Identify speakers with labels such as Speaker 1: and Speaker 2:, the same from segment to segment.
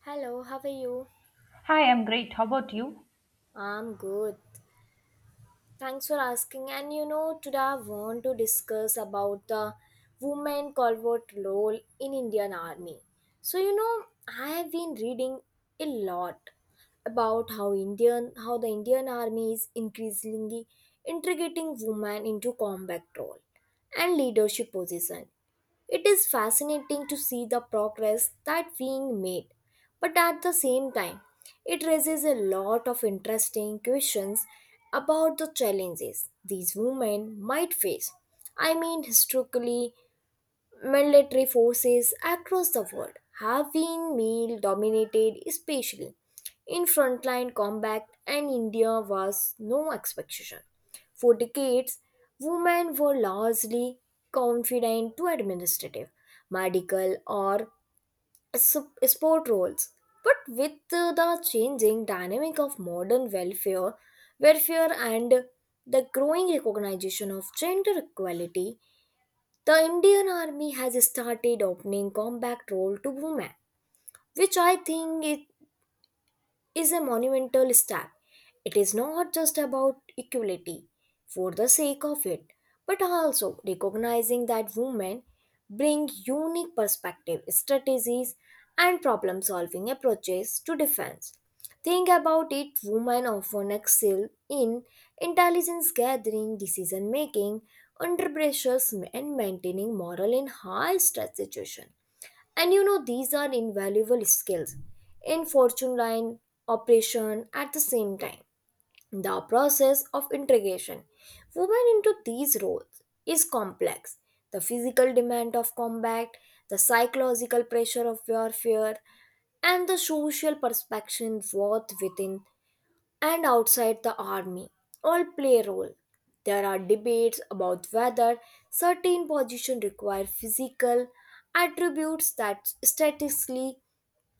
Speaker 1: Hello, how are you?
Speaker 2: Hi, I'm great. How about you?
Speaker 1: I'm good. Thanks for asking. And today I want to discuss about the women covert role in Indian Army. So I have been reading a lot about how the Indian Army is increasingly integrating women into combat role and leadership position. It is fascinating to see the progress that being made, but at the same time, it raises a lot of interesting questions about the challenges these women might face. I mean, historically, military forces across the world have been male dominated, especially in frontline combat, and India was no exception. For decades, women were largely confined to administrative, medical, or sport roles. But with the changing dynamic of modern welfare and the growing recognition of gender equality, the Indian Army has started opening combat role to women, which I think it is a monumental step. It is not just about equality for the sake of it, but also recognizing that women bring unique perspective, strategies, and problem solving approaches to defense. Think about it women often excel in intelligence gathering, decision making, under pressures, and maintaining morale in high stress situations. And these are invaluable skills in fortune line operation at the same time. The process of integration women into these roles is complex. The physical demand of combat, the psychological pressure of warfare, and the social perspective worth within and outside the army all play a role. There are debates about whether certain positions require physical attributes that statistically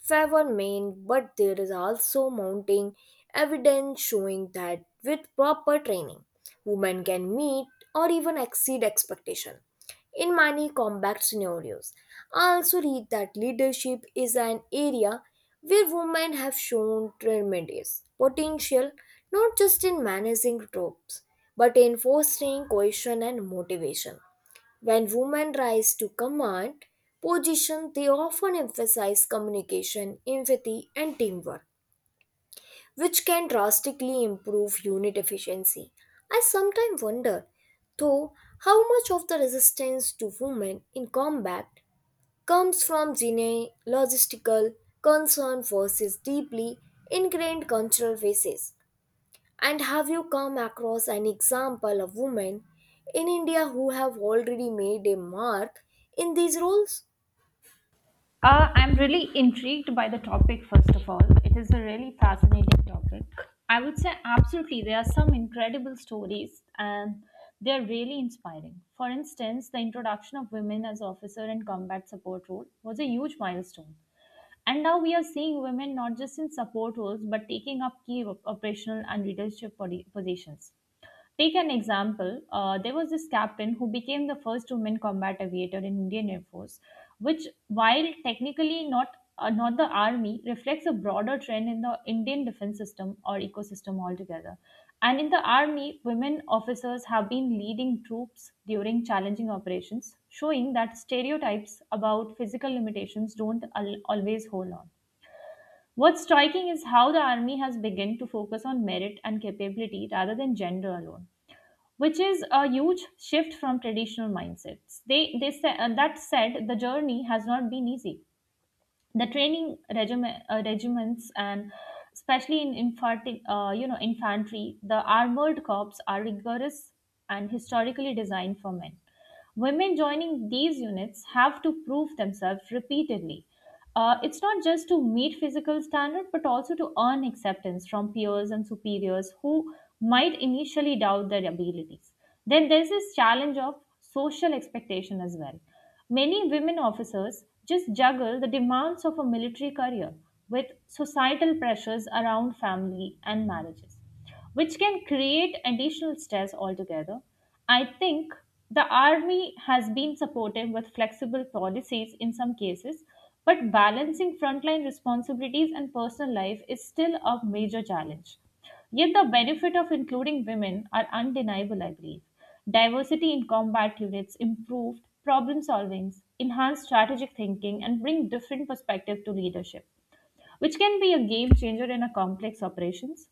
Speaker 1: Trevor Main, but there is also mounting evidence showing that with proper training, women can meet or even exceed expectation in many combat scenarios. I also read that leadership is an area where women have shown tremendous potential, not just in managing troops, but in fostering cohesion and motivation. When women rise to command position, they often emphasize communication, empathy, and teamwork, which can drastically improve unit efficiency. I sometimes wonder, though, how much of the resistance to women in combat comes from genealogical concern versus deeply ingrained cultural basis. And have you come across an example of women in India who have already made a mark in these roles?
Speaker 2: I'm really intrigued by the topic, first of all. It is a really fascinating topic. I would say, absolutely, there are some incredible stories and they're really inspiring. For instance, the introduction of women as officer in combat support role was a huge milestone. And now we are seeing women not just in support roles but taking up key operational and leadership positions. Take an example. There was this captain who became the first woman combat aviator in Indian Air Force, which, while technically not not the army, reflects a broader trend in the Indian defense system or ecosystem altogether. And in the army, women officers have been leading troops during challenging operations, showing that stereotypes about physical limitations don't always hold on. What's striking is how the army has begun to focus on merit and capability rather than gender alone, which is a huge shift from traditional mindsets. They said the journey has not been easy, the training regiments, and especially in infantry, the armored corps are rigorous and historically designed for men. Women joining these units have to prove themselves repeatedly. It's not just to meet physical standard, but also to earn acceptance from peers and superiors who might initially doubt their abilities. Then there's this challenge of social expectation as well. Many women officers just juggle the demands of a military career with societal pressures around family and marriages, which can create additional stress altogether. I think the army has been supportive with flexible policies in some cases, but balancing frontline responsibilities and personal life is still a major challenge. Yet the benefit of including women are undeniable, I believe. Diversity in combat units improved problem solving, enhanced strategic thinking, and bring different perspective to leadership, which can be a game changer in a complex operations.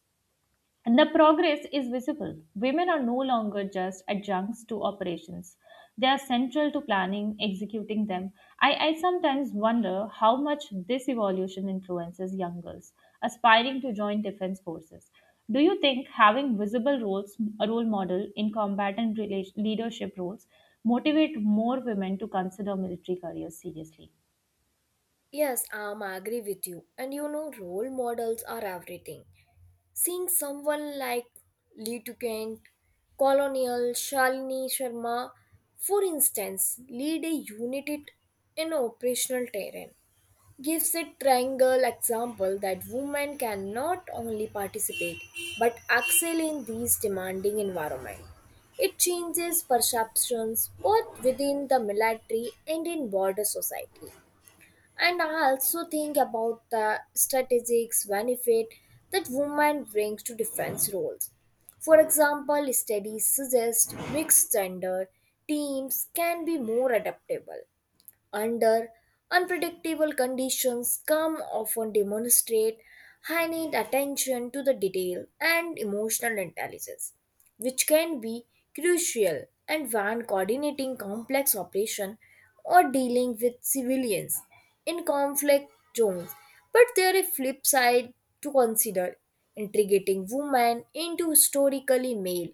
Speaker 2: And the progress is visible. Women are no longer just adjuncts to operations. They are central to planning, executing them. I sometimes wonder how much this evolution influences young girls aspiring to join defense forces. Do you think having visible roles, a role model in leadership roles, motivate more women to consider military careers seriously?
Speaker 1: Yes, I'm agree with you. And role models are everything. Seeing someone like Litu Kent, Colonial, Shalini Sharma, for instance, lead a unit in operational terrain gives a triangle example that women can not only participate but excel in these demanding environment. It changes perceptions both within the military and in broader society. And I also think about the strategic benefit that women brings to defense roles. For example, studies suggest mixed gender teams can be more adaptable under unpredictable conditions come often demonstrate high need attention to the detail and emotional intelligence, which can be crucial and when coordinating complex operation or dealing with civilians in conflict zones. But there is a flip side to consider integrating women into historically male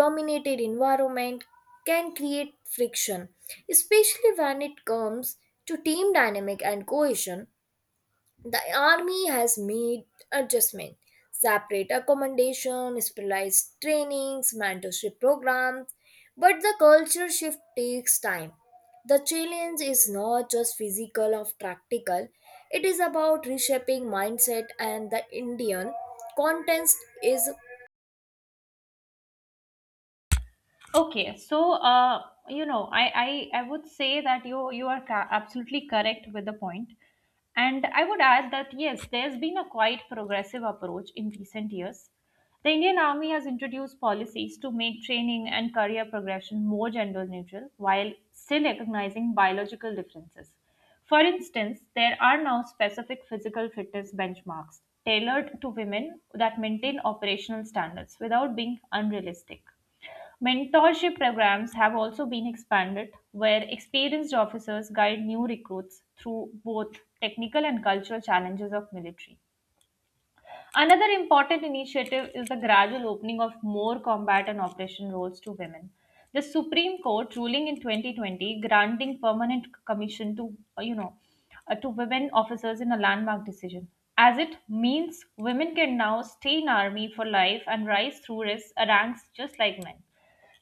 Speaker 1: dominated environment, can create friction, especially when it comes to team dynamic and cohesion. The army has made adjustment, separate accommodation, specialized trainings, mentorship programs, but the culture shift takes time. The challenge is not just physical or practical, it is about reshaping mindset and the Indian context is.
Speaker 2: Okay, so I would say that you are absolutely correct with the point, and I would add that yes, there's been a quite progressive approach in recent years. The Indian Army has introduced policies to make training and career progression more gender neutral while still recognizing biological differences. For instance, there are now specific physical fitness benchmarks tailored to women that maintain operational standards without being unrealistic. Mentorship programs have also been expanded, where experienced officers guide new recruits through both technical and cultural challenges of military. Another important initiative is the gradual opening of more combat and operation roles to women. The Supreme Court ruling in 2020 granting permanent commission to to women officers in a landmark decision as it means women can now stay in army for life and rise through ranks just like men.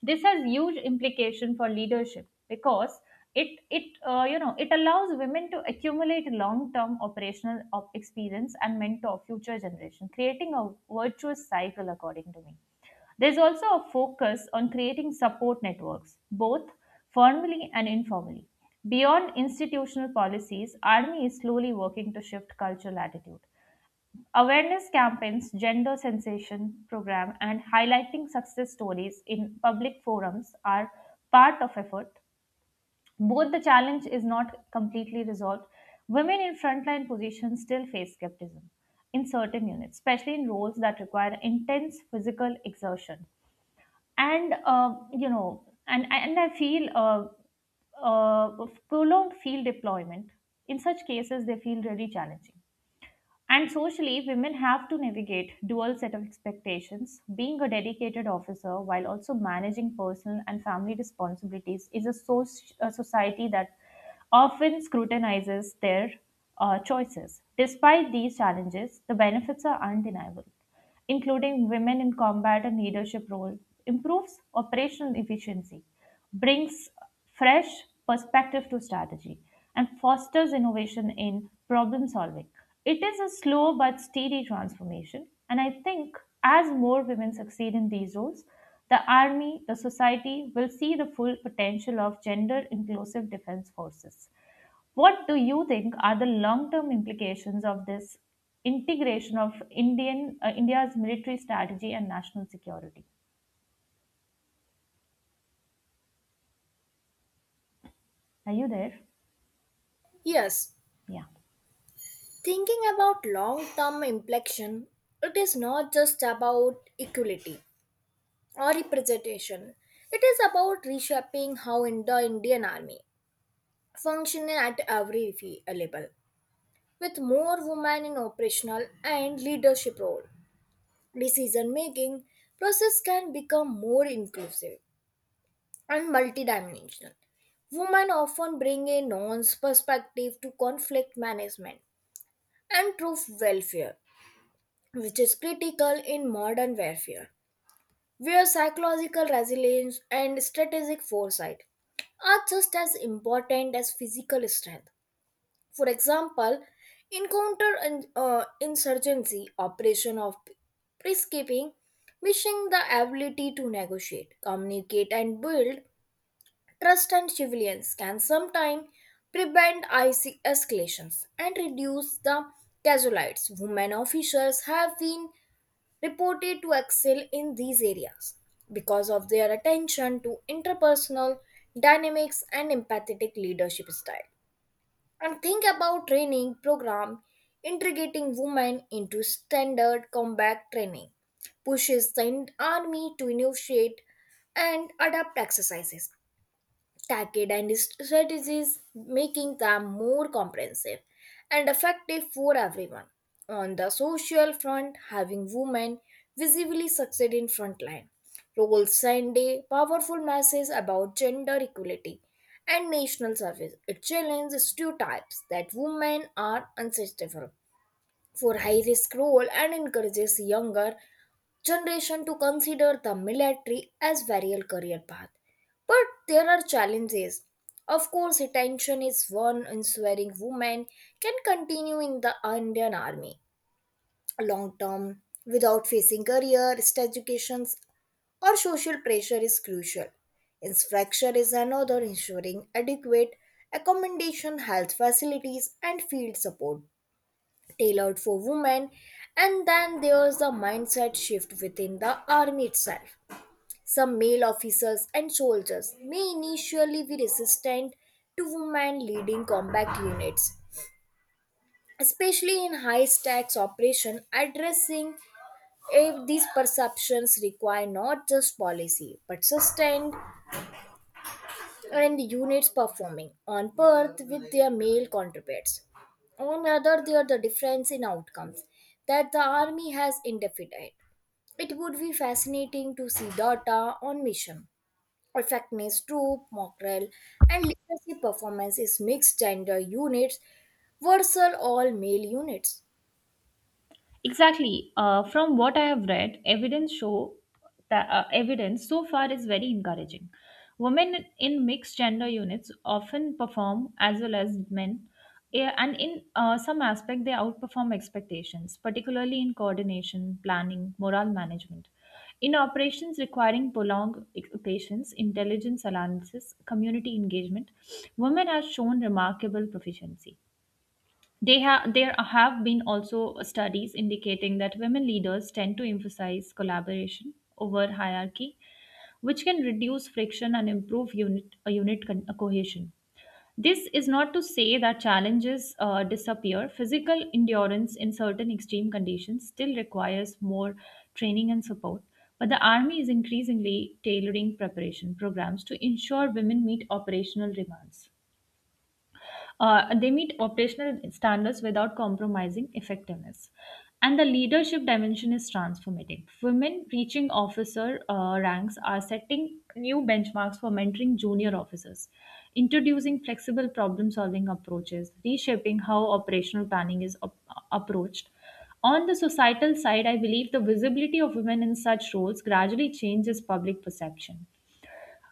Speaker 2: This has huge implication for leadership because it it allows women to accumulate long term operational experience and mentor future generation, creating a virtuous cycle, according to me. There's also a focus on creating support networks, both formally and informally. Beyond institutional policies, Army is slowly working to shift cultural attitude. Awareness campaigns, gender sensation program, and highlighting success stories in public forums are part of effort. Both the challenge is not completely resolved. Women in frontline positions still face skepticism in certain units, especially in roles that require intense physical exertion. And you know, and I feel prolonged field deployment. In such cases, they feel really challenging. And socially, women have to navigate dual set of expectations. Being a dedicated officer while also managing personal and family responsibilities is a, a society that often scrutinizes their choices. Despite these challenges, the benefits are undeniable, including women in combat and leadership role, improves operational efficiency, brings fresh perspective to strategy, and fosters innovation in problem solving. It is a slow but steady transformation, and I think as more women succeed in these roles, the army, the society will see the full potential of gender inclusive defense forces. What do you think are the long term implications of this integration of Indian India's military strategy and national security? Are you there?
Speaker 1: Yes.
Speaker 2: Yeah.
Speaker 1: Thinking about long term inflection, it is not just about equality or representation. It is about reshaping how in the Indian Army functions at every level, with more women in operational and leadership role. Decision making process can become more inclusive and multidimensional. Women often bring a nuanced perspective to conflict management and troop welfare, which is critical in modern warfare, where psychological resilience and strategic foresight are just as important as physical strength. For example, in counter insurgency operation of peacekeeping, missing the ability to negotiate, communicate, and build trust and civilians can sometimes prevent icy escalations and reduce the casualties. Women officials have been reported to excel in these areas because of their attention to interpersonal dynamics and empathetic leadership style. And think about training program integrating women into standard combat training pushes the army to initiate and adapt exercises Tacky and strategies, making them more comprehensive and effective for everyone. On the social front, having women visibly succeed in frontline roles send a powerful message about gender equality and national service. It challenges stereotypes that women are unsustainable for high risk role and encourages younger generation to consider the military as variable career path. But there are challenges. Of course, attention is one ensuring women can continue in the Indian Army long term without facing career, educations, or social pressure is crucial. Infrastructure is another ensuring adequate accommodation, health facilities, and field support tailored for women, and then there's a mindset shift within the army itself. Some male officers and soldiers may initially be resistant to women leading combat units, especially in high stakes operation, addressing if these perceptions require not just policy but sustained and units performing on Perth with their male counterparts. On other, there are the difference in outcomes that the army has identified. It would be fascinating to see data on mission, effectiveness, troop, morale, and leadership performance is mixed gender units versus all male units.
Speaker 2: Exactly. From what I have read, evidence show that evidence so far is very encouraging. Women in mixed gender units often perform as well as men, and in some aspect they outperform expectations, particularly in coordination, planning, moral management. In operations requiring prolonged patience, intelligence analysis, community engagement, women have shown remarkable proficiency. They have There have been also studies indicating that women leaders tend to emphasize collaboration over hierarchy, which can reduce friction and improve unit cohesion. This is not to say that challenges disappear. Physical endurance in certain extreme conditions still requires more training and support. But the Army is increasingly tailoring preparation programs to ensure women meet operational demands. They meet operational standards without compromising effectiveness. And the leadership dimension is transformative. Women reaching officer ranks are setting new benchmarks for mentoring junior officers, introducing flexible problem solving approaches, reshaping how operational planning is approached. On the societal side, I believe the visibility of women in such roles gradually changes public perception.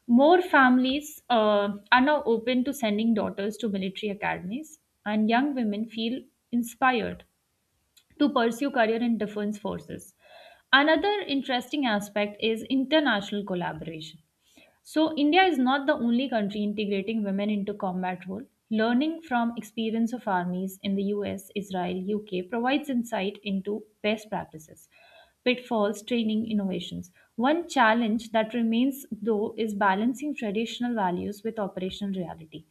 Speaker 2: More families are now open to sending daughters to military academies, and young women feel inspired to pursue career in defense forces. Another interesting aspect is international collaboration. So India is not the only country integrating women into combat role. Learning from experience of armies in the US, Israel, UK provides insight into best practices, pitfalls, training, innovations. One challenge that remains though is balancing traditional values with operational reality.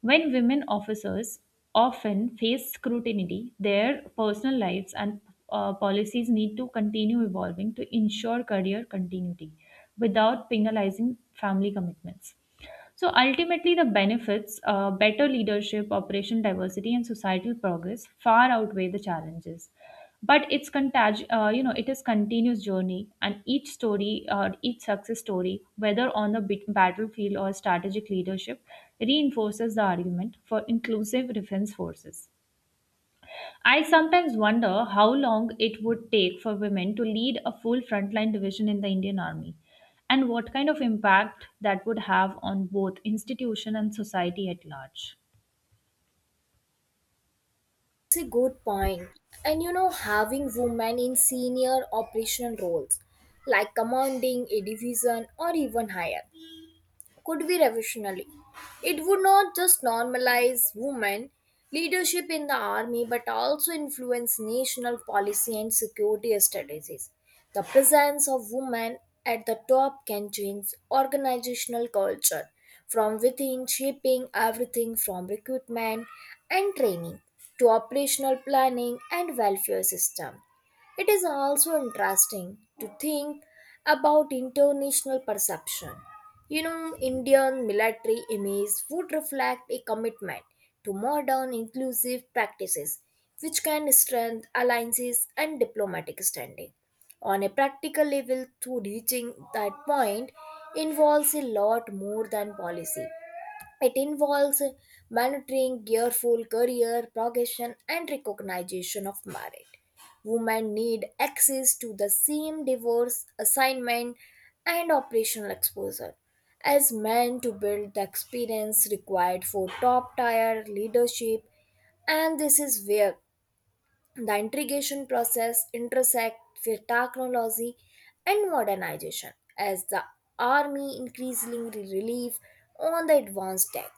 Speaker 2: When women officers often face scrutiny, their personal lives and policies need to continue evolving to ensure career continuity without penalizing family commitments. So ultimately, the benefits, better leadership, operation diversity, and societal progress far outweigh the challenges. But it's contag- you know, it is continuous journey, and each story, each success story, whether on the battlefield or strategic leadership, reinforces the argument for inclusive defense forces. I sometimes wonder how long it would take for women to lead a full frontline division in the Indian Army and what kind of impact that would have on both institution and society at large.
Speaker 1: It's a good point. And having women in senior operational roles like commanding a division or even higher could be revolutionary. It would not just normalize women leadership in the army but also influence national policy and security strategies. The presence of women at the top can change organizational culture from within, shaping everything from recruitment and training to operational planning and welfare system. It is also interesting to think about international perception. Indian military image would reflect a commitment to modern inclusive practices, which can strengthen alliances and diplomatic standing. On a practical level, to reaching that point involves a lot more than policy. It involves monitoring careful career progression and recognition of merit. Women need access to the same divorce assignment and operational exposure as men to build the experience required for top tier leadership, and this is where the integration process intersects with technology and modernization as the army increasingly relies on the advanced tech,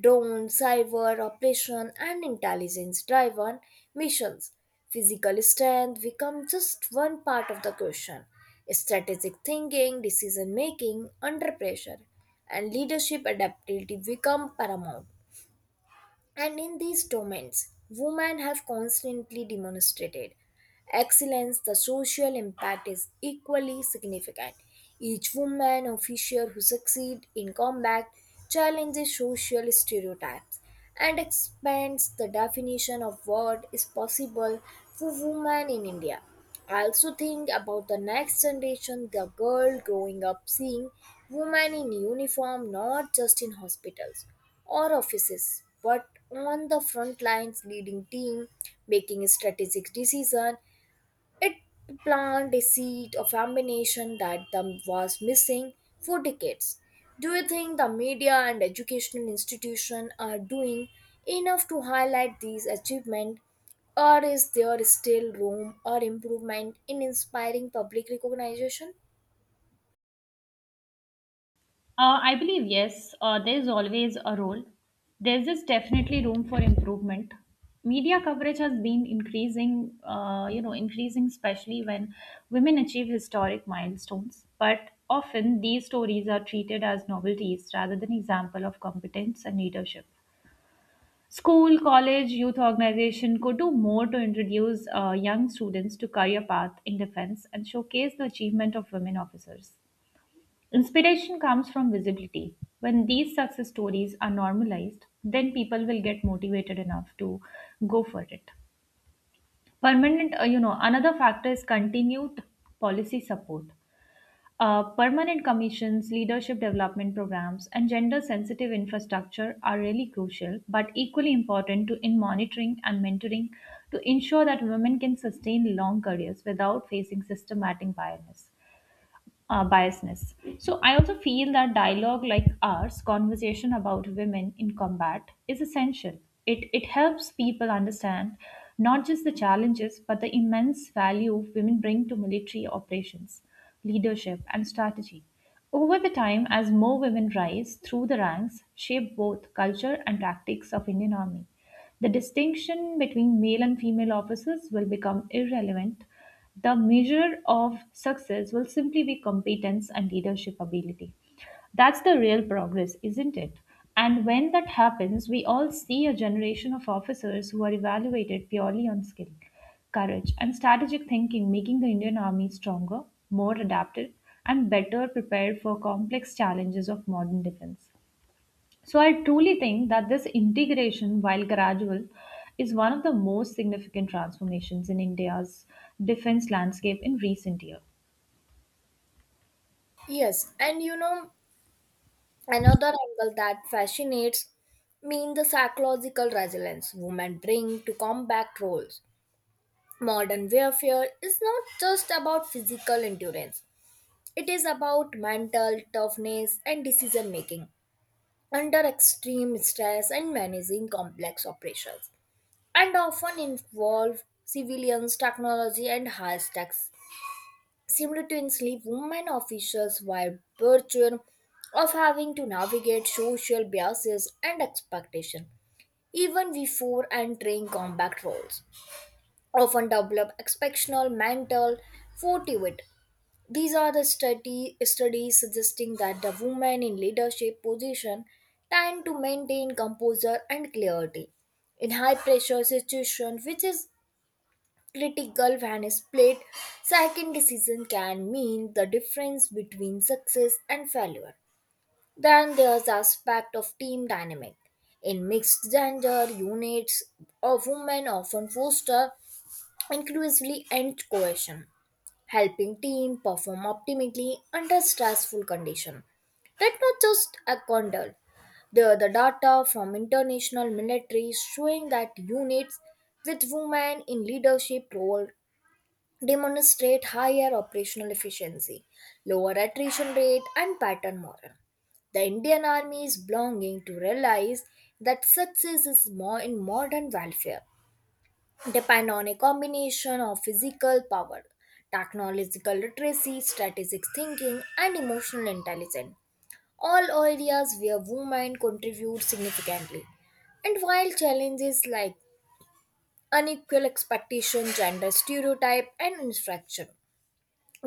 Speaker 1: drone, cyber operation, and intelligence-driven missions. Physical strength becomes just one part of the question. Strategic thinking, decision making under pressure, and leadership adaptability become paramount. And in these domains, women have constantly demonstrated excellence. The social impact is equally significant. Each woman officer who succeeds in combat challenges social stereotypes and expands the definition of what is possible for women in India. I also think about the next generation, the girl growing up seeing women in uniform not just in hospitals or offices but on the front lines leading team making a strategic decision. It planted a seed of ambition that the was missing for decades. Do you think the media and educational institution are doing enough to highlight these achievements, or is there still room or improvement in inspiring public recognition?
Speaker 2: I believe yes, there's always a role. There's just definitely room for improvement. Media coverage has been increasing, especially when women achieve historic milestones. But often these stories are treated as novelties rather than example of competence and leadership. School, college, youth organization could do more to introduce young students to career path in defense and showcase the achievement of women officers. Inspiration comes from visibility. When these success stories are normalized, then people will get motivated enough to go for it. Another factor is continued policy support. Permanent commissions, leadership development programs, and gender sensitive infrastructure are really crucial but equally important to, in monitoring and mentoring to ensure that women can sustain long careers without facing systematic biasness. So I also feel that dialogue like ours, conversation about women in combat, is essential. It helps people understand not just the challenges but the immense value women bring to military operations, leadership, and strategy. Over the time, as more women rise through the ranks, shape both culture and tactics of Indian Army. The distinction between male and female officers will become irrelevant, the measure of success will simply be competence and leadership ability. That's the real progress, isn't it? And when that happens, we all see a generation of officers who are evaluated purely on skill, courage, and strategic thinking, making the Indian Army stronger, more adapted, and better prepared for complex challenges of modern defense. So I truly think that this integration, while gradual, is one of the most significant transformations in India's defense landscape in recent years.
Speaker 1: Yes, and another angle that fascinates me in the psychological resilience women bring to combat roles. Modern warfare is not just about physical endurance, it is about mental toughness and decision making under extreme stress and managing complex operations, and often involve civilians, technology, and high tech. Simultaneously, women officials while burdened of having to navigate social biases and expectation, even before entering combat roles, often develop exceptional mental fortitude. These are the studies suggesting that the women in leadership position tend to maintain composure and clarity in high pressure situations, which is critical when is played. Second decision can mean the difference between success and failure. Then there's the aspect of team dynamic in mixed gender units of women often foster inclusively and cohesion, helping team perform optimally under stressful conditions. That's not just a condole, the data from international military showing that units with women in leadership role demonstrate higher operational efficiency, lower attrition rate, and pattern morale. The Indian Army is longing to realize that success is more in modern welfare, depend on a combination of physical power, technological literacy, strategic thinking, and emotional intelligence. All areas where women contribute significantly. And while challenges like unequal expectation, gender stereotype, and infraction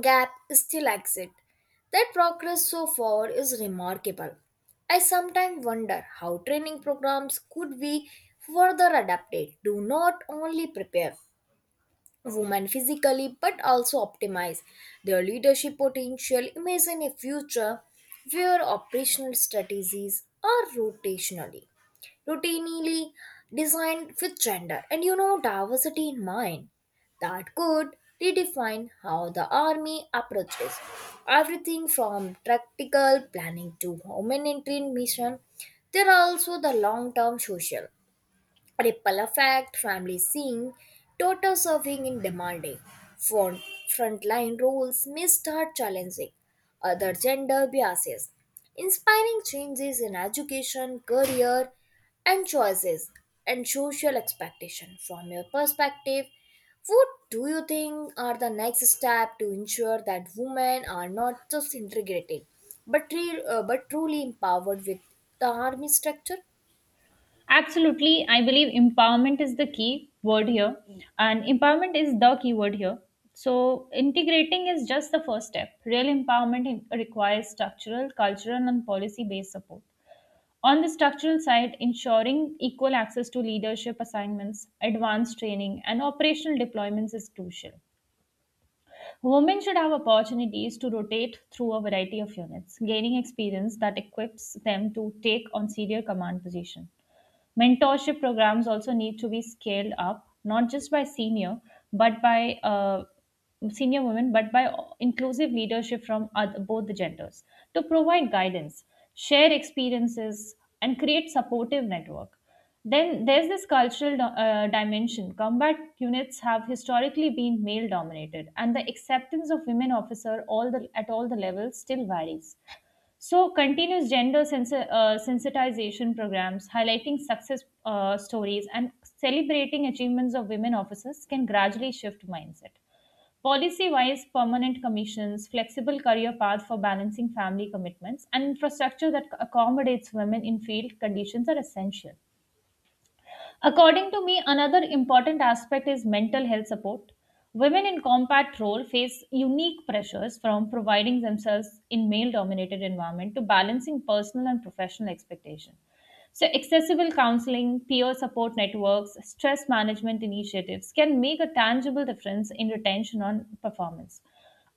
Speaker 1: gap still exists. That progress so far is remarkable. I sometimes wonder how training programs could be further adapted to not only prepare women physically but also optimize their leadership potential. Imagine a future where operational strategies are rotationally, routinely designed with gender and diversity in mind. That could redefine how the army approaches everything from tactical planning to humanitarian mission. There are also the long-term social ripple effect, family seeing, total serving in demanding, front, frontline roles may start challenging other gender biases, inspiring changes in education, career, and choices, and social expectation. From your perspective, what do you think are the next step to ensure that women are not just integrated, but truly empowered with the army structure?
Speaker 2: Absolutely, I believe empowerment is the key word here, and empowerment is the key word here. So, integrating is just the first step. Real empowerment requires structural, cultural, and policy based support. On the structural side, ensuring equal access to leadership assignments, advanced training, and operational deployments is crucial. Women should have opportunities to rotate through a variety of units, gaining experience that equips them to take on senior command position. Mentorship programs also need to be scaled up, not just by senior, but by uh, but by inclusive leadership from both the genders to provide guidance, share experiences, and create supportive network. Then there's this cultural dimension. Combat units have historically been male dominated, and the acceptance of women officer at all the levels still varies. So, continuous gender sensitization programs, highlighting success stories, and celebrating achievements of women officers can gradually shift mindset. Policy wise, permanent commissions, flexible career path for balancing family commitments, and infrastructure that accommodates women in field conditions are essential. According to me, another important aspect is mental health support. Women in combat role face unique pressures from providing themselves in male dominated environment to balancing personal and professional expectation. So accessible counseling, peer support networks, stress management initiatives can make a tangible difference in retention on performance.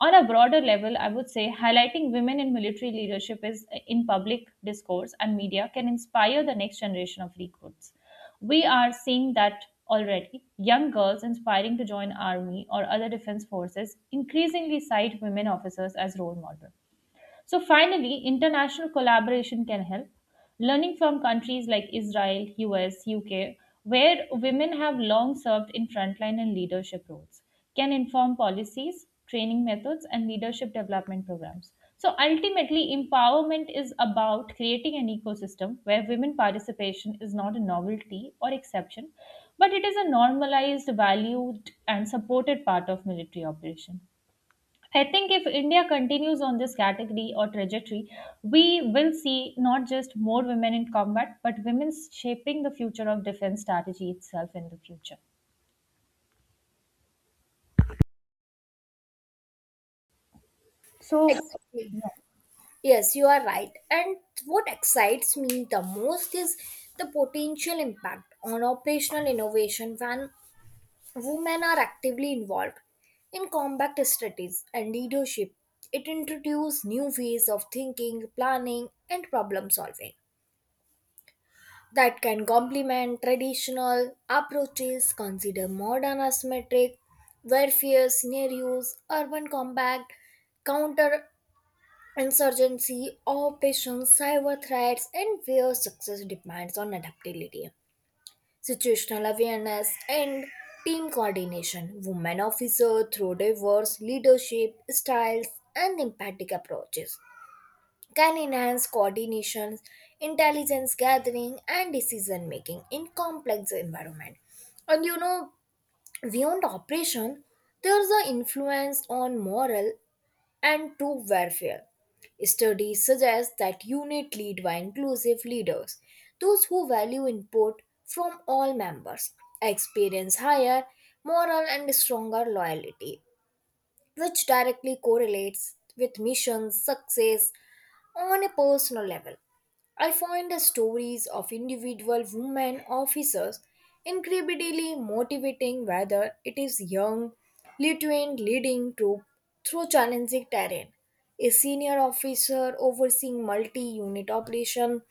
Speaker 2: On a broader level, I would say highlighting women in military leadership is in public discourse and media can inspire the next generation of recruits. We are seeing that already. Young girls inspiring to join army or other defense forces increasingly cite women officers as role models. So, finally, international collaboration can help. Learning from countries like Israel, US, UK, where women have long served in frontline and leadership roles, can inform policies, training methods, and leadership development programs. So, ultimately, empowerment is about creating an ecosystem where women participation is not a novelty or exception, but it is a normalized, valued, and supported part of military operation. I think if India continues on this category or trajectory, we will see not just more women in combat, but women shaping the future of defense strategy itself in the future. So,
Speaker 1: Exactly.
Speaker 2: yeah.
Speaker 1: Yes, you are right. And what excites me the most is the potential impact on operational innovation when women are actively involved in combat strategies and leadership. It introduces new ways of thinking, planning, and problem solving that can complement traditional approaches, consider modern asymmetric warfare scenarios, urban combat, counter Insurgency, operations, cyber threats, and where success depends on adaptability, situational awareness, and team coordination. Women officers, through diverse leadership styles and empathic approaches, can enhance coordination, intelligence gathering, and decision making in complex environment. And beyond operation, there's an influence on moral and true warfare. Studies suggest that unit lead by inclusive leaders, those who value input from all members, experience higher moral and stronger loyalty, which directly correlates with mission success on a personal level. I find the stories of individual women officers incredibly motivating, whether it is young Lithuanian leading troop through challenging terrain, a senior officer overseeing multi-unit operation.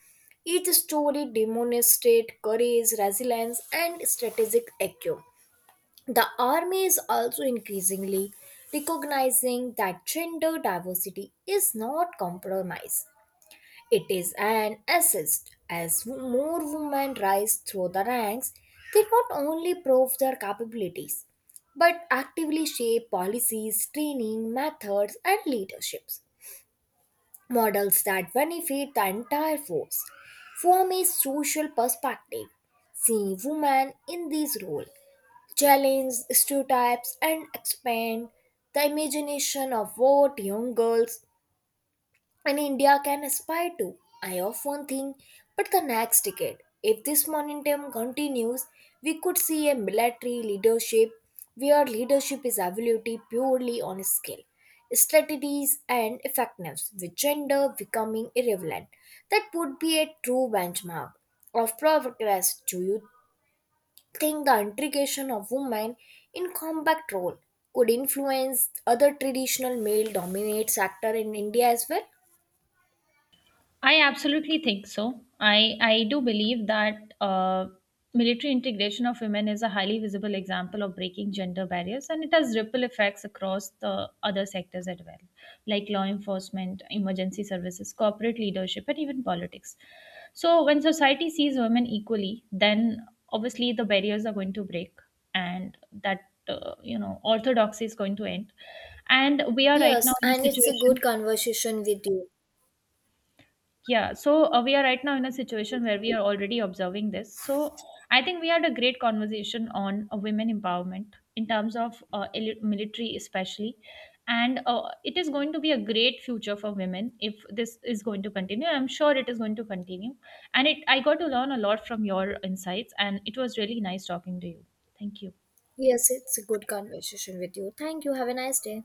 Speaker 1: Each story demonstrates courage, resilience, and strategic acumen. The army is also increasingly recognizing that gender diversity is not compromised, it is an assist. As more women rise through the ranks, they not only prove their capabilities but actively shape policies, training, methods, and leaderships. Models that benefit the entire force form a social perspective. Seeing women in these roles challenge stereotypes and expand the imagination of what young girls and India can aspire to. I often think, but the next decade, if this momentum continues, we could see a military leadership where leadership is evaluated purely on skill, strategies, and effectiveness, with gender becoming irrelevant. That would be a true benchmark of progress. Do you think the integration of women in combat role could influence other traditional male dominate sector in India as well?
Speaker 2: I absolutely think so. I do believe that military integration of women is a highly visible example of breaking gender barriers, and it has ripple effects across the other sectors as well, like law enforcement, emergency services, corporate leadership, and even politics. So, when society sees women equally, then obviously the barriers are going to break, and that orthodoxy is going to end. And we are right now
Speaker 1: Yes,
Speaker 2: in a
Speaker 1: and it's a good
Speaker 2: situation.
Speaker 1: conversation with you.
Speaker 2: Yeah, so we are right now in a situation where we are already observing this. So I think we had a great conversation on women empowerment in terms of military, especially. And it is going to be a great future for women if this is going to continue. I'm sure it is going to continue. And it, I got to learn a lot from your insights, and it was really nice talking to you. Thank you. Yeah.
Speaker 1: Yes, it's a good conversation with you. Thank you. Have a nice day.